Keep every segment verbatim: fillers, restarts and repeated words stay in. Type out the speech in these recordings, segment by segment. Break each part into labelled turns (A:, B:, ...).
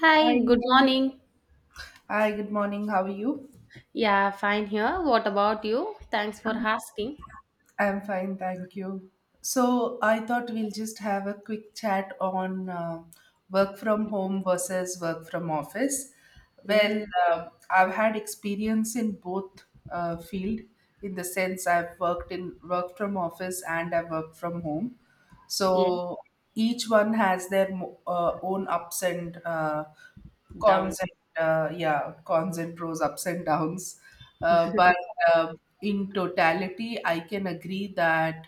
A: Hi,
B: Hi.
A: good morning.
B: Hi, good morning. How are you?
A: Yeah, fine here. What about you? Thanks for asking.
B: I'm fine, thank you. So, I thought we'll just have a quick chat on uh, work from home versus work from office.
A: Yes.
B: Well, uh, I've had experience in both uh, field, in the sense I've worked in work from office and I've worked from home.
A: Yeah.
B: So each one has their mo- uh, own ups and uh,
A: Down.
B: cons, and uh, yeah, cons and pros, ups and downs, uh, but uh, in totality I can agree that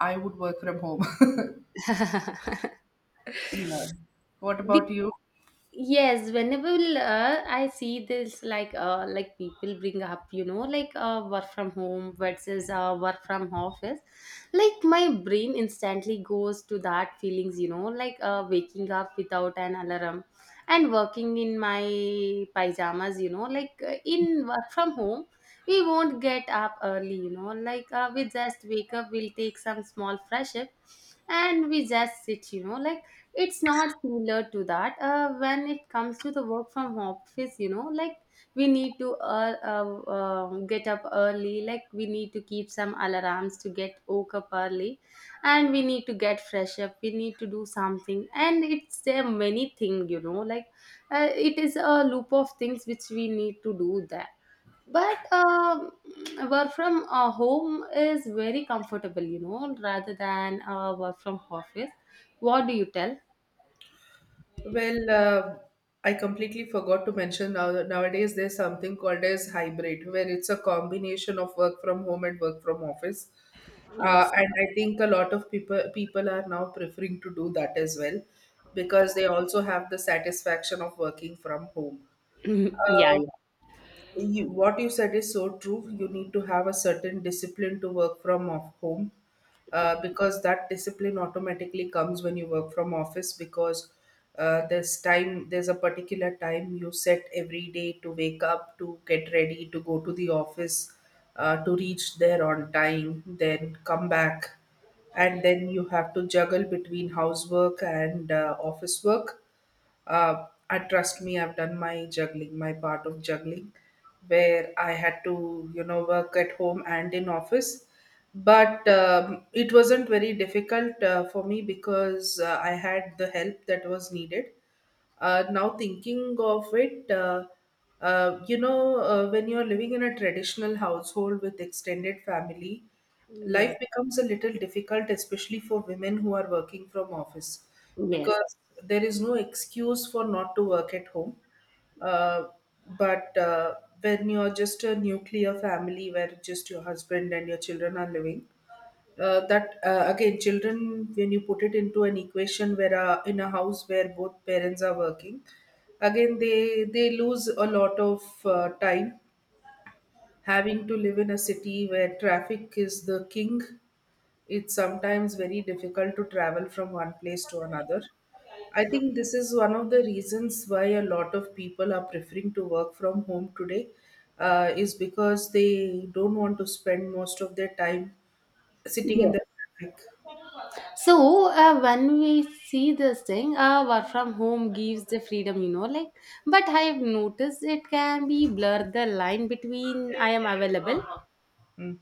B: I would work from home. Yeah. What about
A: Be-
B: you?
A: yes, whenever uh, I see this like uh, like people bring up you know like uh, work from home versus uh, work from office, like my brain instantly goes to that feelings you know like uh, waking up without an alarm and working in my pajamas you know like uh, in work from home we won't get up early you know like uh, we just wake up, we'll take some small fresh air and we just sit you know like it's not similar to that uh, when it comes to the work from office you know like we need to uh, uh, uh, get up early, like we need to keep some alarms to get woke up early, and we need to get fresh up, we need to do something, and it's there many thing you know like uh, it is a loop of things which we need to do there. But um, work from uh, home is very comfortable you know rather than uh, work from office. What do you tell?
B: Well, uh, I completely forgot to mention now that nowadays there's something called as hybrid, where it's a combination of work from home and work from office.
A: Yes.
B: Uh, and I think a lot of people people are now preferring to do that as well, because they also have the satisfaction of working from home.
A: Mhm. Yeah.
B: Uh, you, what you said is so true. You need to have a certain discipline to work from off home, uh, because that discipline automatically comes when you work from office. Because uh, there's time, there's a particular time you set every day to wake up, to get ready, to go to the office, uh, to reach there on time, then come back, and then you have to juggle between housework and uh, office work. Uh, I Trust me, I've done my juggling, my part of juggling, where I had to, you know, work at home and in office. But um, it wasn't very difficult uh, for me, because uh, I had the help that was needed. Uh, now thinking of it, uh, uh, you know uh, when you're living in a traditional household with extended family,
A: Yeah.
B: life
A: Yes.
B: becomes a little difficult, especially for women who are working from office,
A: Yes.
B: because there is no excuse for not to work at home. Uh, but uh, when you're just a nuclear family where just your husband and your children are living, uh, that uh, again, children, when you put it into an equation where uh, in a house where both parents are working, again they they lose a lot of uh, time, having to live in a city where traffic is the king. It's sometimes very difficult to travel from one place to another. I think this is one of the reasons why a lot of people are preferring to work from home today, uh, is because they don't want to spend most of their time sitting in
A: Yes.
B: the traffic.
A: So uh, when we see this thing, uh, work from home gives the freedom, you know, like, but I've noticed it can be blur the line between I am available.
B: Mm.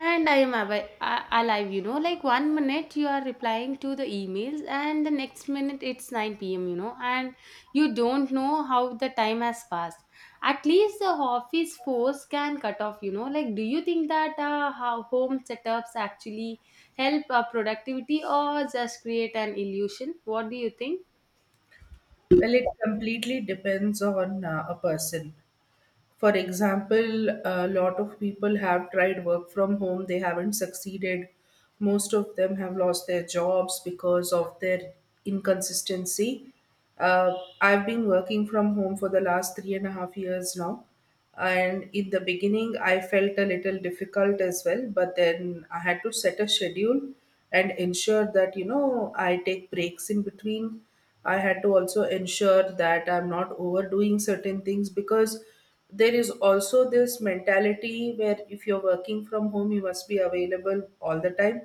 A: And I am avi- a- alive, you know. Like one minute you are replying to the emails, and the next minute it's nine p m, you know, and you don't know how the time has passed. At least the office force can cut off, you know. Like, do you think that uh, how home setups actually help uh, productivity, or just create an illusion? What do you think?
B: Well, it completely depends on uh, a person. For example, a lot of people have tried work from home, they haven't succeeded. Most of them have lost their jobs because of their inconsistency. Uh, I've been working from home for the last three and a half years now, and in the beginning, I felt a little difficult as well, but then I had to set a schedule and ensure that, you know, I take breaks in between. I had to also ensure that I'm not overdoing certain things, because there is also this mentality where if you're working from home, you must be available all the time.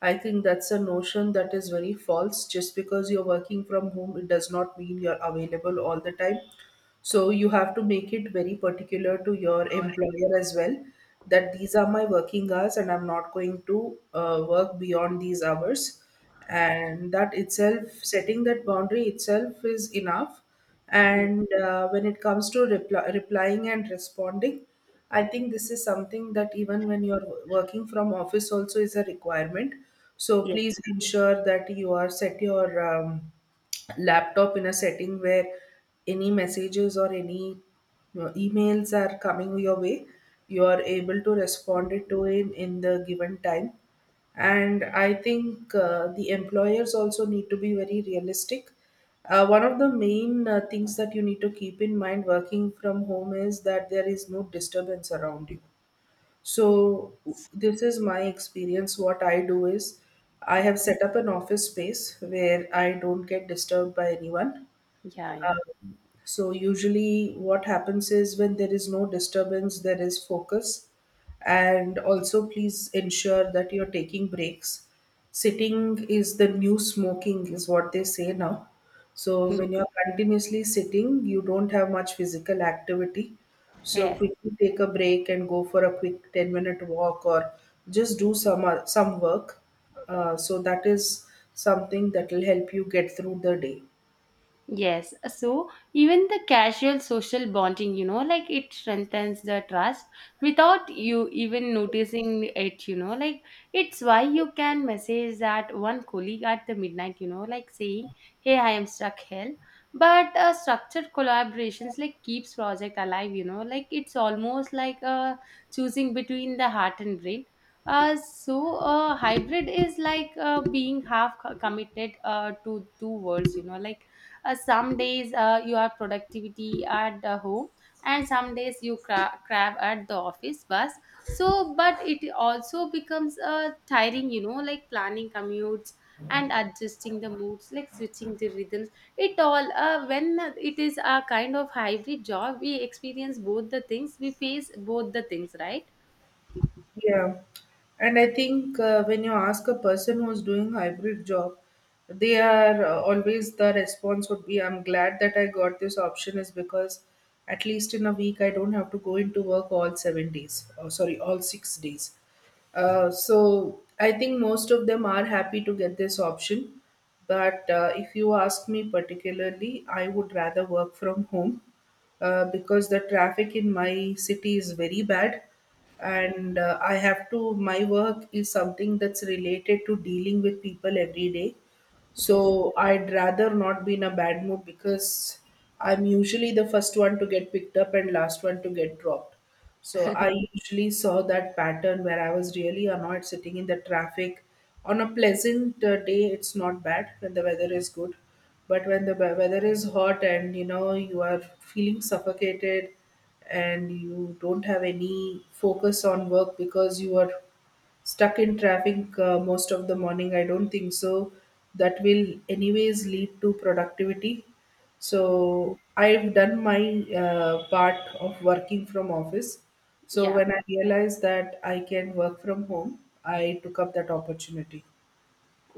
B: I think that's a notion that is very false. Just because you're working from home, it does not mean you're available all the time. So you have to make it very particular to your employer as well that these are my working hours and I'm not going to uh, work beyond these hours. And that itself, setting that boundary itself, is enough. And uh, when it comes to reply, replying and responding, I think this is something that even when you're working from office also is a requirement. So
A: Yes.
B: please ensure that you are set your um, laptop in a setting where any messages or any, you know, emails are coming your way, you are able to respond it to it in the given time. And I think uh, the employers also need to be very realistic. Uh, one of the main uh, things that you need to keep in mind working from home is that there is no disturbance around you. So, this is my experience. What I do is, I have set up an office space where I don't get disturbed by anyone.
A: Yeah, yeah.
B: Uh, so, usually, what happens is when there is no disturbance, there is focus. And also, please ensure that you're taking breaks. Sitting is the new smoking, is what they say now. So, when you're continuously sitting, you don't have much physical activity. So,
A: Yes.
B: quickly take a break and go for a quick ten minute walk, or just do some, some work. Uh, so, that is something that will help you get through the day.
A: Yes, so even the casual social bonding, you know, like it strengthens the trust without you even noticing it, you know, like it's why you can message that one colleague at the midnight, you know, like saying, hey, I am stuck here. But uh, structured collaborations like keeps project alive, you know, like it's almost like uh, choosing between the heart and brain. Uh, so uh, hybrid is like uh, being half co- committed uh, to two worlds, you know, like uh, some days uh, you are productivity at the home, and some days you cra- crab at the office bus. So but it also becomes uh, tiring you know like planning commutes and adjusting the moods like switching the rhythms, it all uh, when it is a kind of hybrid job we experience both the things, we face both the things, right?
B: Yeah, and I think uh, when you ask a person who's doing hybrid job, they are uh, always the response would be, "I'm glad that I got this option," is because at least in a week I don't have to go into work all seven days, or sorry, all six days. Uh, so I think most of them are happy to get this option. But uh, if you ask me particularly, I would rather work from home, uh, because the traffic in my city is very bad, and uh, I have to my work is something that's related to dealing with people every day,
A: Yes.
B: so I'd rather not be in a bad mood because I'm usually the first one to get picked up and last one to get dropped. So I usually saw that pattern where I was really annoyed sitting in the traffic. On a pleasant uh, day, it's not bad when the weather is good. But when the we- weather is hot and you know you are feeling suffocated and you don't have any focus on work because you are stuck in traffic uh, most of the morning, I don't think so that will anyways lead to productivity. So I've done my uh, part of working from office, so
A: Yeah.
B: when I realized that I can work from home, I took up that opportunity.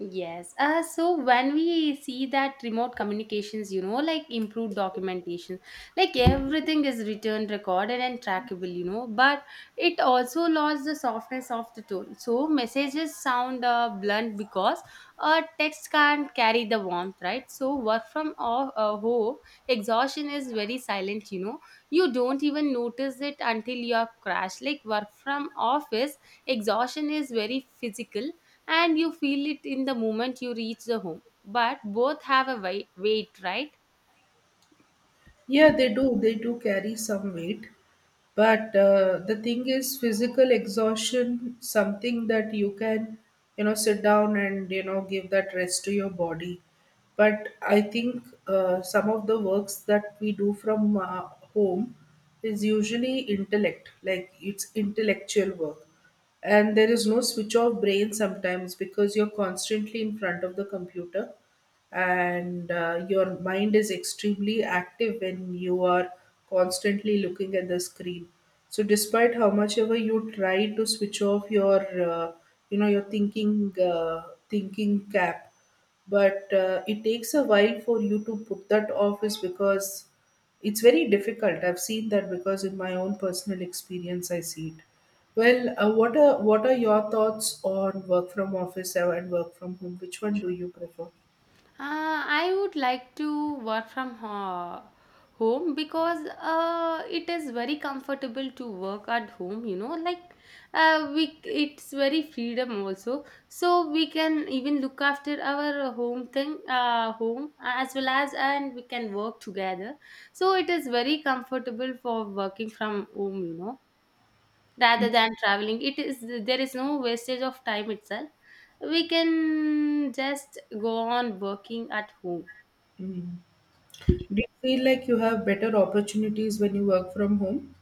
A: Yes. Uh, so when we see that remote communications, you know, like improved documentation, like everything is written, recorded, and trackable, you know, but it also lost the softness of the tone. So messages sound uh, blunt because uh, text can't carry the warmth, right? So work from off, uh, home, exhaustion is very silent, you know. You don't even notice it until you are crashed. Like work from office, exhaustion is very physical and you feel it in the moment you reach the home. But both have a wei- weight, right?
B: Yeah, they do they do carry some weight. But uh, the thing is, physical exhaustion something that you can, you know, sit down and, you know, give that rest to your body. But I think uh, some of the works that we do from uh, home is usually intellect, like it's intellectual work, and there is no switch off brain sometimes because you're constantly in front of the computer, and uh, your mind is extremely active when you are constantly looking at the screen. So despite how much ever you try to switch off your uh, you know your thinking uh, thinking cap, but uh, it takes a while for you to put that off, is because it's very difficult. I've seen that because in my own personal experience I see it. Well, uh, what are what are your thoughts on work from office and work from home? Which one do you prefer?
A: Uh, I would like to work from ho- home because uh, it is very comfortable to work at home. You know, like uh, we it's very freedom also. So we can even look after our home thing, uh, home uh, as well as and we can work together. So it is very comfortable for working from home. You know, rather than traveling, it is there is no wastage of time itself, we can just go on working at home.
B: Mm. Do you feel like you have better opportunities when you work from home?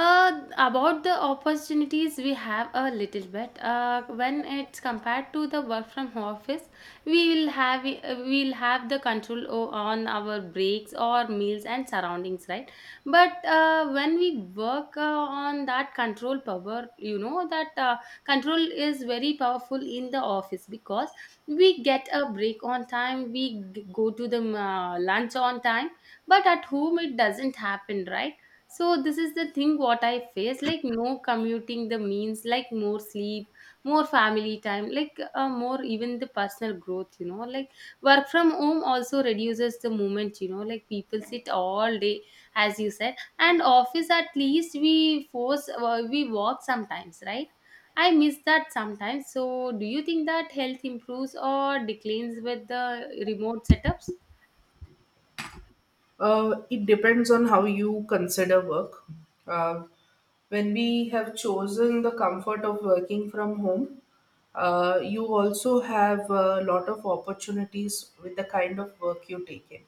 A: Uh, about the opportunities, we have a little bit uh, when it's compared to the work from home office, we will have we'll have the control o- on our breaks or meals and surroundings, right? But uh, when we work uh, on that control power you know that uh, control is very powerful in the office because we get a break on time, we g- go to the uh, lunch on time, but at home it doesn't happen, right? So this is the thing what I face like no commuting the means like more sleep, more family time, like uh, more even the personal growth you know like work from home also reduces the movement you know like people sit all day as you said, and office at least we force uh, we walk sometimes, right? I miss that sometimes. So do you think that health improves or declines with the remote setups?
B: Uh, it depends on how you consider work. Uh, when we have chosen the comfort of working from home, uh, you also have a lot of opportunities with the kind of work you take in.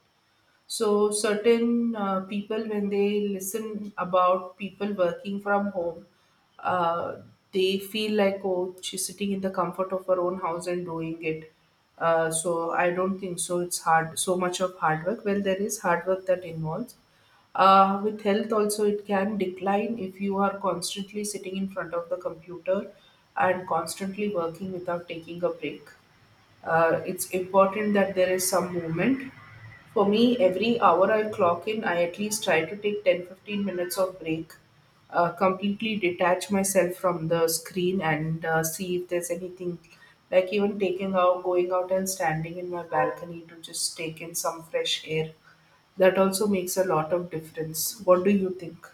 B: So certain uh, people, when they listen about people working from home, uh, they feel like, oh, she's sitting in the comfort of her own house and doing it. Uh, so I don't think so. It's hard, so much of hard work. Well, there is hard work that involves. Uh, with health also, it can decline if you are constantly sitting in front of the computer and constantly working without taking a break. Uh, it's important that there is some movement. For me, every hour I clock in, I at least try to take ten, fifteen minutes of break, uh, completely detach myself from the screen and uh, see if there's anything, like even taking out, going out and standing in my balcony to just take in some fresh air. That also makes a lot of difference. What do you think?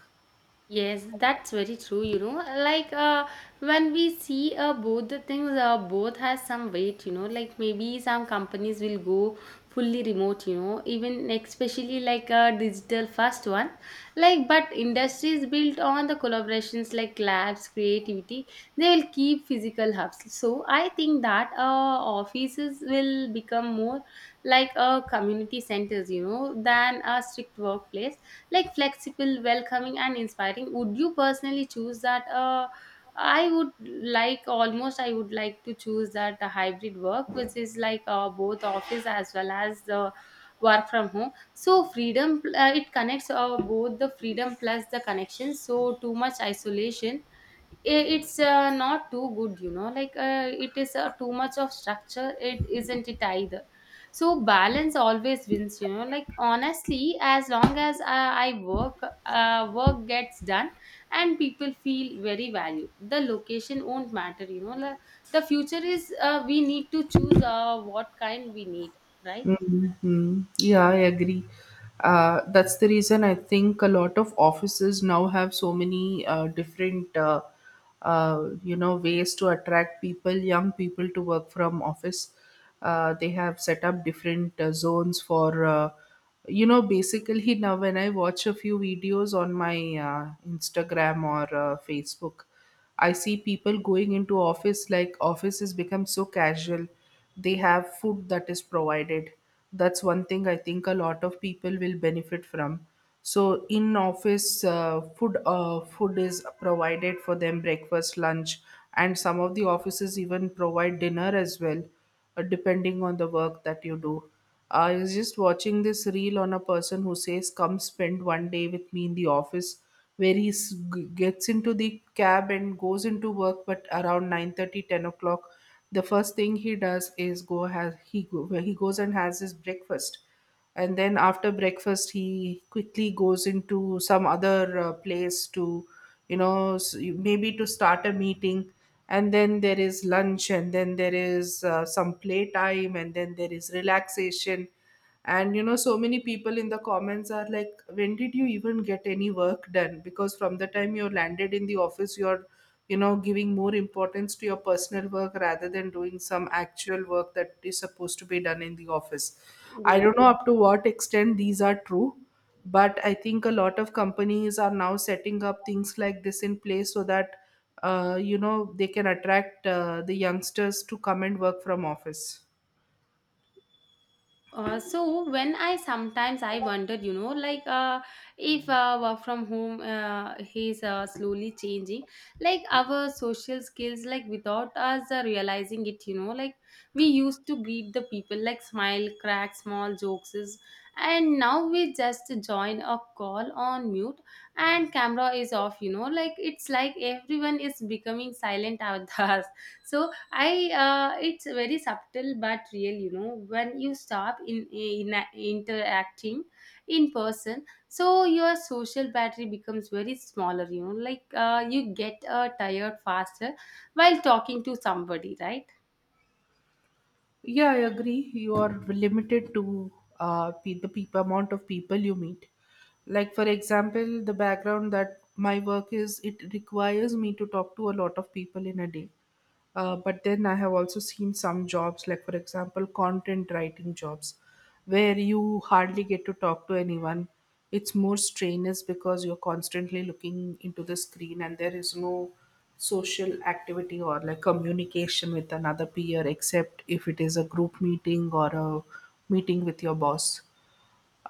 A: Yes, that's very true, you know. Like uh, when we see uh, both the things, uh, both has some weight, you know. Like maybe some companies will go fully remote, you know, even especially like a digital first one. Like, but industries built on the collaborations like labs, creativity, they will keep physical hubs. So I think that uh, offices will become more like a community centers, you know, than a strict workplace, like flexible, welcoming, and inspiring. Would you personally choose that? Uh, I would like, almost I would like to choose that uh, hybrid work, which is like uh, both office as well as the work from home. So freedom uh, it connects uh, both the freedom plus the connection. So too much isolation, I- it's uh, not too good you know like uh, it is uh, too much of structure, it isn't it either. So balance always wins, you know, like honestly as long as i, I work, uh, work gets done and people feel very valued, the location won't matter, you know, like the future is uh, we need to choose uh, what kind we need, right?
B: Mhm. Yeah, I agree. Uh, that's the reason I think a lot of offices now have so many uh, different, uh, uh, you know, ways to attract people, young people to work from office. Uh, they have set up different uh, zones for, uh, you know, basically now when I watch a few videos on my uh, Instagram or uh, Facebook, I see people going into office, like office has become so casual. They have food that is provided. That's one thing I think a lot of people will benefit from. So in office, uh, food uh, food is provided for them: breakfast, lunch, and some of the offices even provide dinner as well, uh, depending on the work that you do. I was just watching this reel on a person who says, Come spend one day with me in the office, where he s- g- gets into the cab and goes into work, but around nine thirty, ten o'clock, the first thing he does is go has he go, where he goes and has his breakfast. And then after breakfast he quickly goes into some other uh, place to you know s- you- maybe to start a meeting, and then there is lunch, and then there is uh, some playtime, and then there is relaxation. And you know so many people in the comments are like, when did you even get any work done? Because from the time you landed in the office, you're you know giving more importance to your personal work rather than doing some actual work that is supposed to be done in the office. I don't know up to what extent these are true, but I think a lot of companies are now setting up things like this in place so that uh, you know they can attract uh, the youngsters to come and work from office.
A: Uh, so when I sometimes I wondered, you know, like uh, if uh, work from home uh, is uh, slowly changing, like our social skills, like without us uh, realizing it, you know, like we used to greet the people, like smile, crack small jokes, and now we just join a call on mute and camera is off, you know, like it's like everyone is becoming silent at us. So I uh, it's very subtle but real, you know. When you stop in, in interacting in person, so your social battery becomes very smaller. You know, like uh, you get uh, tired faster while talking to somebody, right?
B: Yeah, I agree. You are limited to uh, pe- the people amount of people you meet. Like for example, the background that my work is, it requires me to talk to a lot of people in a day. Uh, but then I have also seen some jobs, like for example, content writing jobs, where you hardly get to talk to anyone. It's more strenuous because you're constantly looking into the screen and there is no social activity or like communication with another peer, except if it is a group meeting or a meeting with your boss.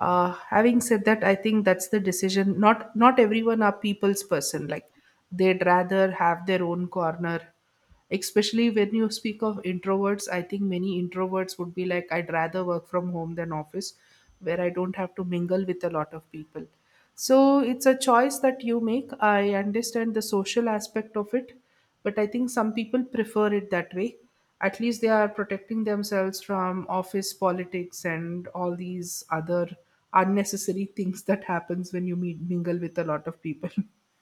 B: Uh, having said that, I think that's the decision. Not not everyone are people's person. Like, they'd rather have their own corner, especially when you speak of introverts. I think many introverts would be like, I'd rather work from home than office, where I don't have to mingle with a lot of people. So it's a choice that you make. I understand the social aspect of it, but I think some people prefer it that way. At least they are protecting themselves from office politics and all these other unnecessary things that happens when you meet mingle with a lot of people.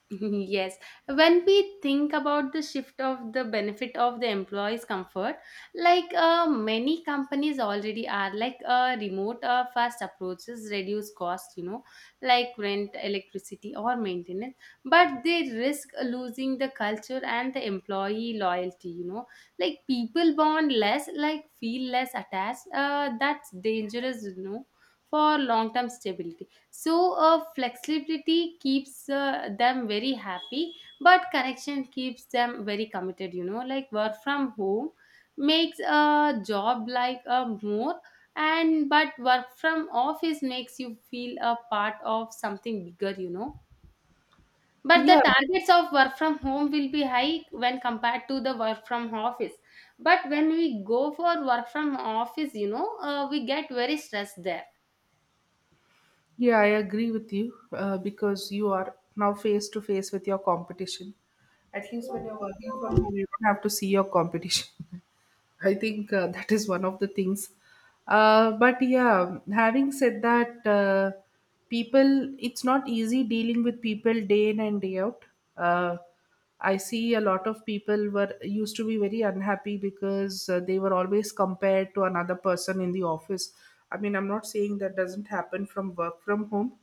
A: Yes, when we think about the shift of the benefit of the employees' comfort, like uh, many companies already are, like uh, remote uh, fast approaches reduce cost, you know, like rent, electricity, or maintenance, but they risk losing the culture and the employee loyalty, you know, like people bond less, like feel less attached. Uh, that's dangerous, you know, for long term stability. So uh, flexibility keeps uh, them very happy, but connection keeps them very committed, you know, like work from home makes a job like a more, and but work from office makes you feel a part of something bigger, you know. But the
B: Yeah.
A: targets of work from home will be high when compared to the work from office, but when we go for work from office you know uh, we get very stressed there.
B: Yeah, I agree with you, uh, because you are now face to face with your competition. At least when you're working from home, you don't have to see your competition. I think, uh, that is one of the things. Uh, but yeah, having said that, uh, people, it's not easy dealing with people day in and day out. Uh, I see a lot of people were used to be very unhappy because uh, they were always compared to another person in the office. I mean, I'm not saying that doesn't happen from work from home,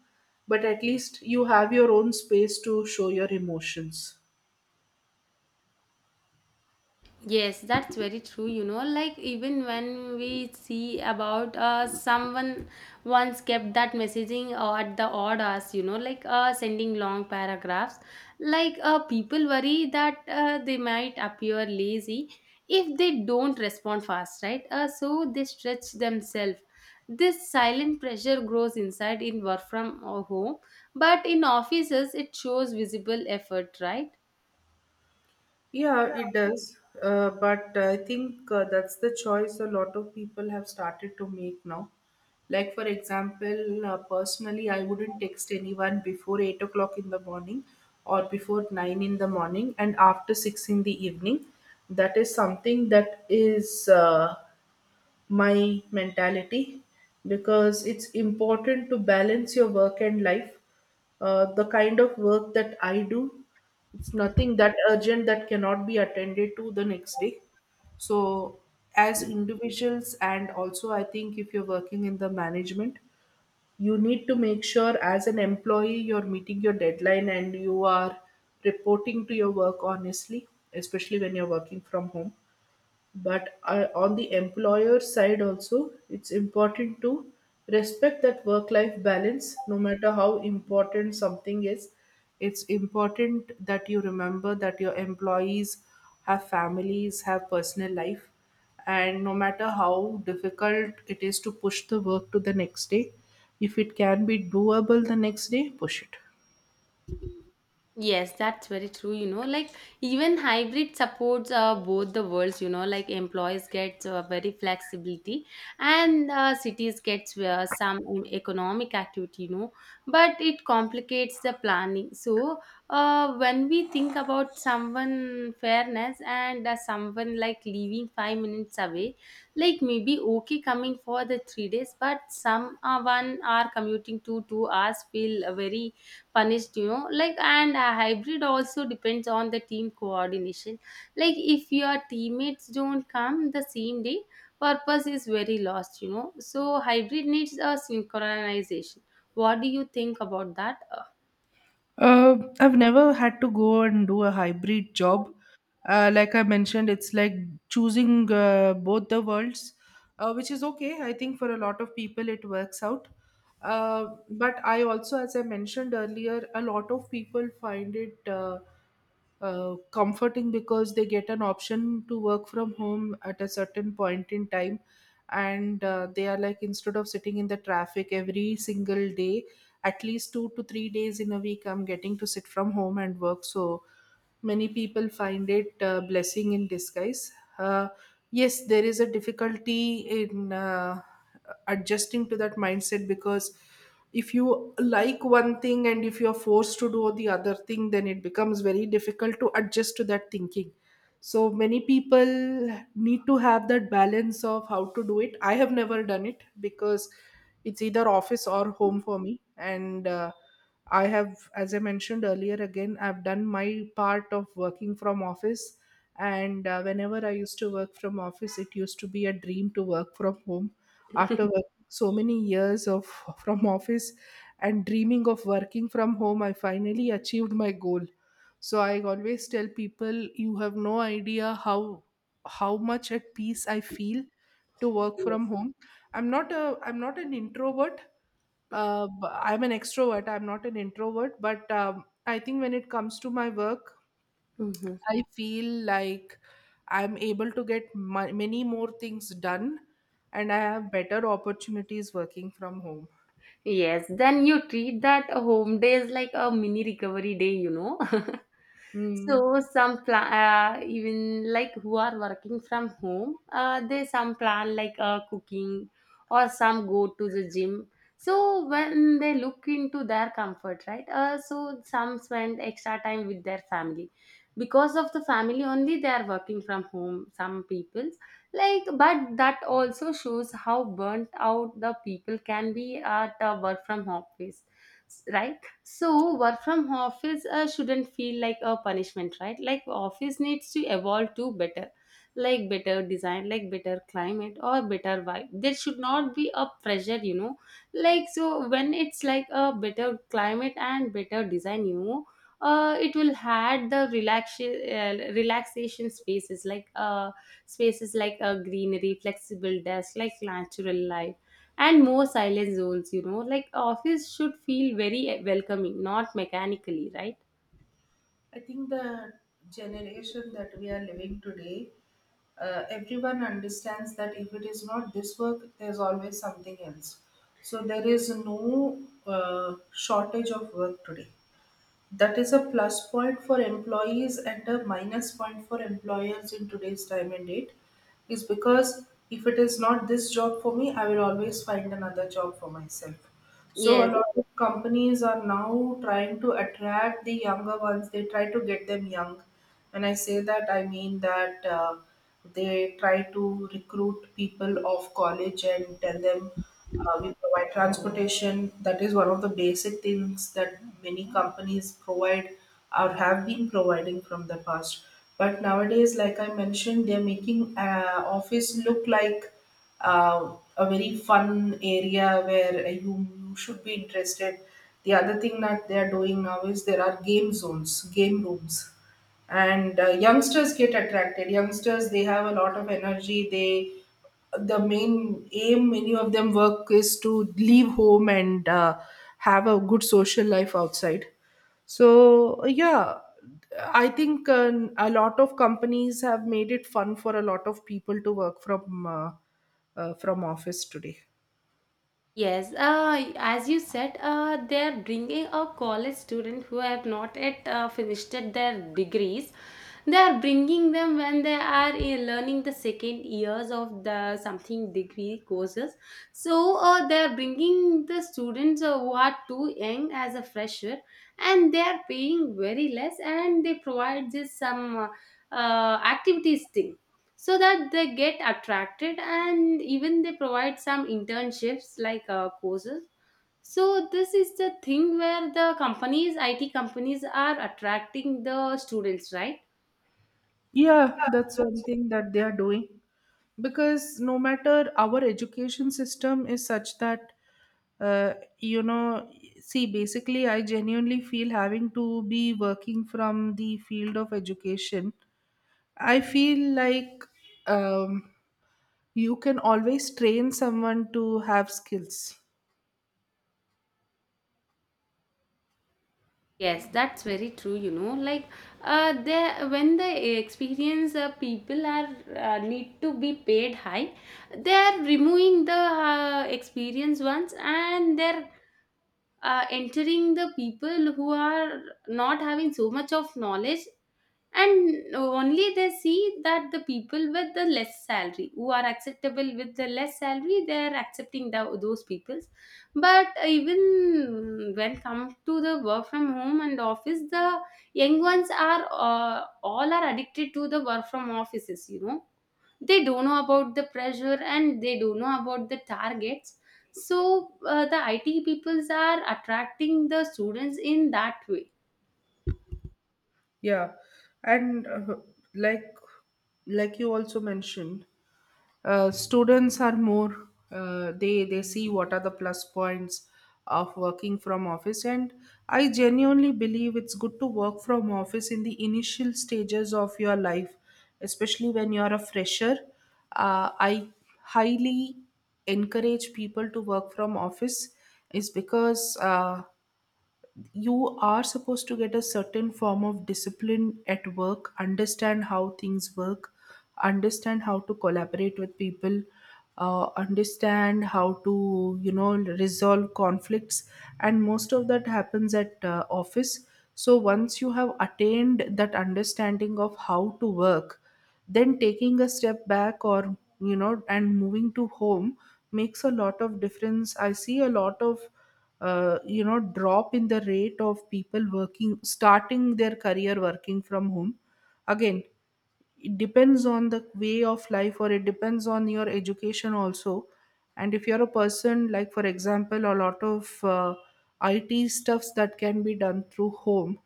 B: but at least you have your own space to show your emotions.
A: Yes, that's very true. You know, like even when we see about uh, someone once kept that messaging uh, at the odd hours, you know, like uh, sending long paragraphs, like uh, people worry that uh, they might appear lazy if they don't respond fast, right? Uh, so they stretch themselves. This silent pressure grows inside in work from uh, home, but in offices it shows visible effort, right?
B: Yeah, it does. Uh, but I think uh, that's the choice a lot of people have started to make now. Like for example, uh, personally, I wouldn't text anyone before eight o'clock in the morning or before nine in the morning and after six in the evening. That is something that is uh, my mentality, because it's important to balance your work and life. Uh, the kind of work that I do, it's nothing that urgent that cannot be attended to the next day. So, as individuals, and also I think if you're working in the management, you need to make sure as an employee you're meeting your deadline and you are reporting to your work honestly, especially when you're working from home. But uh, on the employer side also, it's important to respect that work life balance. No matter how important something is, it's important that you remember that your employees have families, have personal life, and no matter how difficult it is to push the work to the next day, if it can be doable the next day, push it.
A: Yes, that's very true. You know, like even hybrid supports uh, both the worlds. You know, like employees get uh, very flexibility, and uh, cities gets uh, some economic activity. You know, but it complicates the planning. So, uh, when we think about someone fairness and uh, someone like leaving five minutes away, like maybe okay coming for the three days, but some uh, one are commuting to two hours feel uh, very punished, you know, like. And a hybrid also depends on the team coordination, like if your teammates don't come the same day, purpose is very lost you know. So hybrid needs a synchronization. What do you think about that? Uh,
B: Uh, I've never had to go and do a hybrid job. Uh, like I mentioned, it's like choosing uh, both the worlds, uh, which is okay. I think for a lot of people it works out. Uh, but I also, as I mentioned earlier, a lot of people find it Uh, uh, comforting, because they get an option to work from home at a certain point in time, and uh, they are like, instead of sitting in the traffic every single day, at least two to three days in a week I'm getting to sit from home and work. So many people find it a blessing in disguise. uh, yes, there is a difficulty in uh, adjusting to that mindset, because if you like one thing and if you're forced to do the other thing, then it becomes very difficult to adjust to that thinking. So many people need to have that balance of how to do it. I have never done it, because it's either office or home for me. And uh, I have as I mentioned earlier again, I've done my part of working from office. And uh, whenever I used to work from office, it used to be a dream to work from home. After so many years of from office and dreaming of working from home, I finally achieved my goal. So I always tell people, you have no idea how how much at peace I feel to work
A: yes.
B: from home. i'm not a I'm not an introvert. uh, b- I'm an extrovert, I'm not an introvert. But um, I think when it comes to my work,
A: Hmm.
B: I feel like I'm able to get ma- many more things done, and I have better opportunities working from home.
A: Yes, then you treat that a home days like a mini recovery day, you know.
B: Mm.
A: So some plan, uh, even like who are working from home, uh, they some plan like uh, cooking or some go to the gym. So when they look into their comfort, right? Uh, so some spend extra time with their family because of the family only they are working from home. Some people like, but that also shows how burnt out the people can be at a work from office, right? So work from office uh, shouldn't feel like a punishment, right? Like office needs to evolve to better, like better design, like better climate or better vibe, there should not be a pressure you know. Like so when it's like a better climate and better design, you know uh, it will add the relax- uh, relaxation spaces like uh, spaces like a greenery, flexible desk, like natural light, and more silent zones, you know. Like office should feel very eh, welcoming, not mechanically, right?
B: I think the generation that we are living today, uh, everyone understands that if it is not this work, there's always something else. So there is no uh, shortage of work today. That is a plus point for employees and a minus point for employers in today's time and date, is because if it is not this job for me, I will always find another job for myself. So a
A: Yes,
B: lot of companies are now trying to attract the younger ones. They try to get them young. When I say that, I mean that uh, they try to recruit people of college and tell them, uh, we provide transportation. That is one of the basic things that many companies provide or have been providing from the past. But nowadays, like I mentioned, they're making uh, office look like uh, a very fun area where you, you should be interested. The other thing that they are doing now is there are game zones, game rooms. And uh, youngsters get attracted. Youngsters, they have a lot of energy. They, the main aim many of them work is to leave home and uh, have a good social life outside. So yeah, I think uh, a lot of companies have made it fun for a lot of people to work from uh, uh, from office today.
A: yes. Uh, as you said, uh, they're bringing up college students who have not yet uh, finished their degrees, they are bringing them when they are uh, learning the second years of the something degree courses. So uh, they are bringing the students uh, who are too young as a fresher, and they are paying very less and they provide just some uh, uh, activities thing so that they get attracted, and even they provide some internships like uh, courses. So this is the thing where the companies it companies are attracting the students, right?
B: Yeah, that's one thing that they are doing, because no matter our education system is such that uh, you know see, basically I genuinely feel, having to be working from the field of education, I feel like um, you can always train someone to have skills.
A: Yes, that's very true, you know. Like, uh, there when the experience uh, people are uh, need to be paid high, they are removing the uh, experience ones and they're uh, entering the people who are not having so much of knowledge, and only they see that the people with the less salary who are acceptable with the less salary, they are accepting the, those peoples. But even when come to the work from home and office, the young ones are uh, all are addicted to the work from offices, you know, they don't know about the pressure and they don't know about the targets. So uh, the it peoples are attracting the students in that way.
B: Yeah. And uh, like like you also mentioned, uh, students are more uh, they they see what are the plus points of working from office. And I genuinely believe it's good to work from office in the initial stages of your life, especially when you're a fresher. Uh, i highly encourage people to work from office, is because uh, you are supposed to get a certain form of discipline at work, understand how things work, understand how to collaborate with people, uh, understand how to you know resolve conflicts, and most of that happens at uh, office. So once you have attained that understanding of how to work, then taking a step back or you know and moving to home makes a lot of difference. I see a lot of uh, you know drop in the rate of people working, starting their career working from home. Again, it depends on the way of life, or it depends on your education also. And if you're a person, like for example, a lot of uh, it stuffs that can be done through home,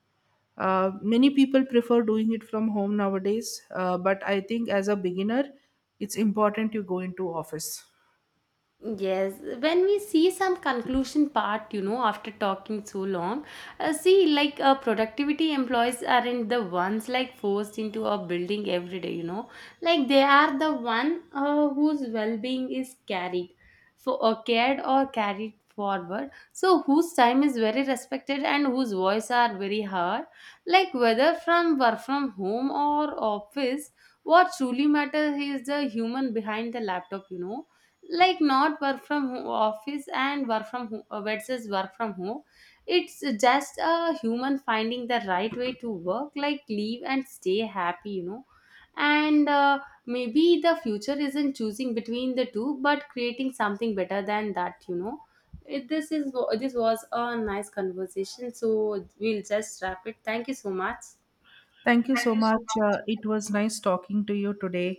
B: uh, many people prefer doing it from home nowadays. Uh, but I think, as a beginner, it's important you go into office.
A: Yes, when we see some conclusion part, you know, after talking so long, uh, see, like uh, productivity employees aren't the ones like forced into a building every day, you know, like they are the one uh, whose well-being is carried for or cared or carried forward. So whose time is very respected and whose voice are very heard, like whether from work from home or office, what truly matters is the human behind the laptop, you know, like not work from ho- office and work from home uh, versus work from home, it's just a human finding the right way to work, like live and stay happy, you know. And uh, maybe the future isn't choosing between the two but creating something better than that, you know. It, this is, this was a nice conversation, so we'll just wrap it. Thank you so much.
B: Thank you so much. Uh, it was nice talking to you today.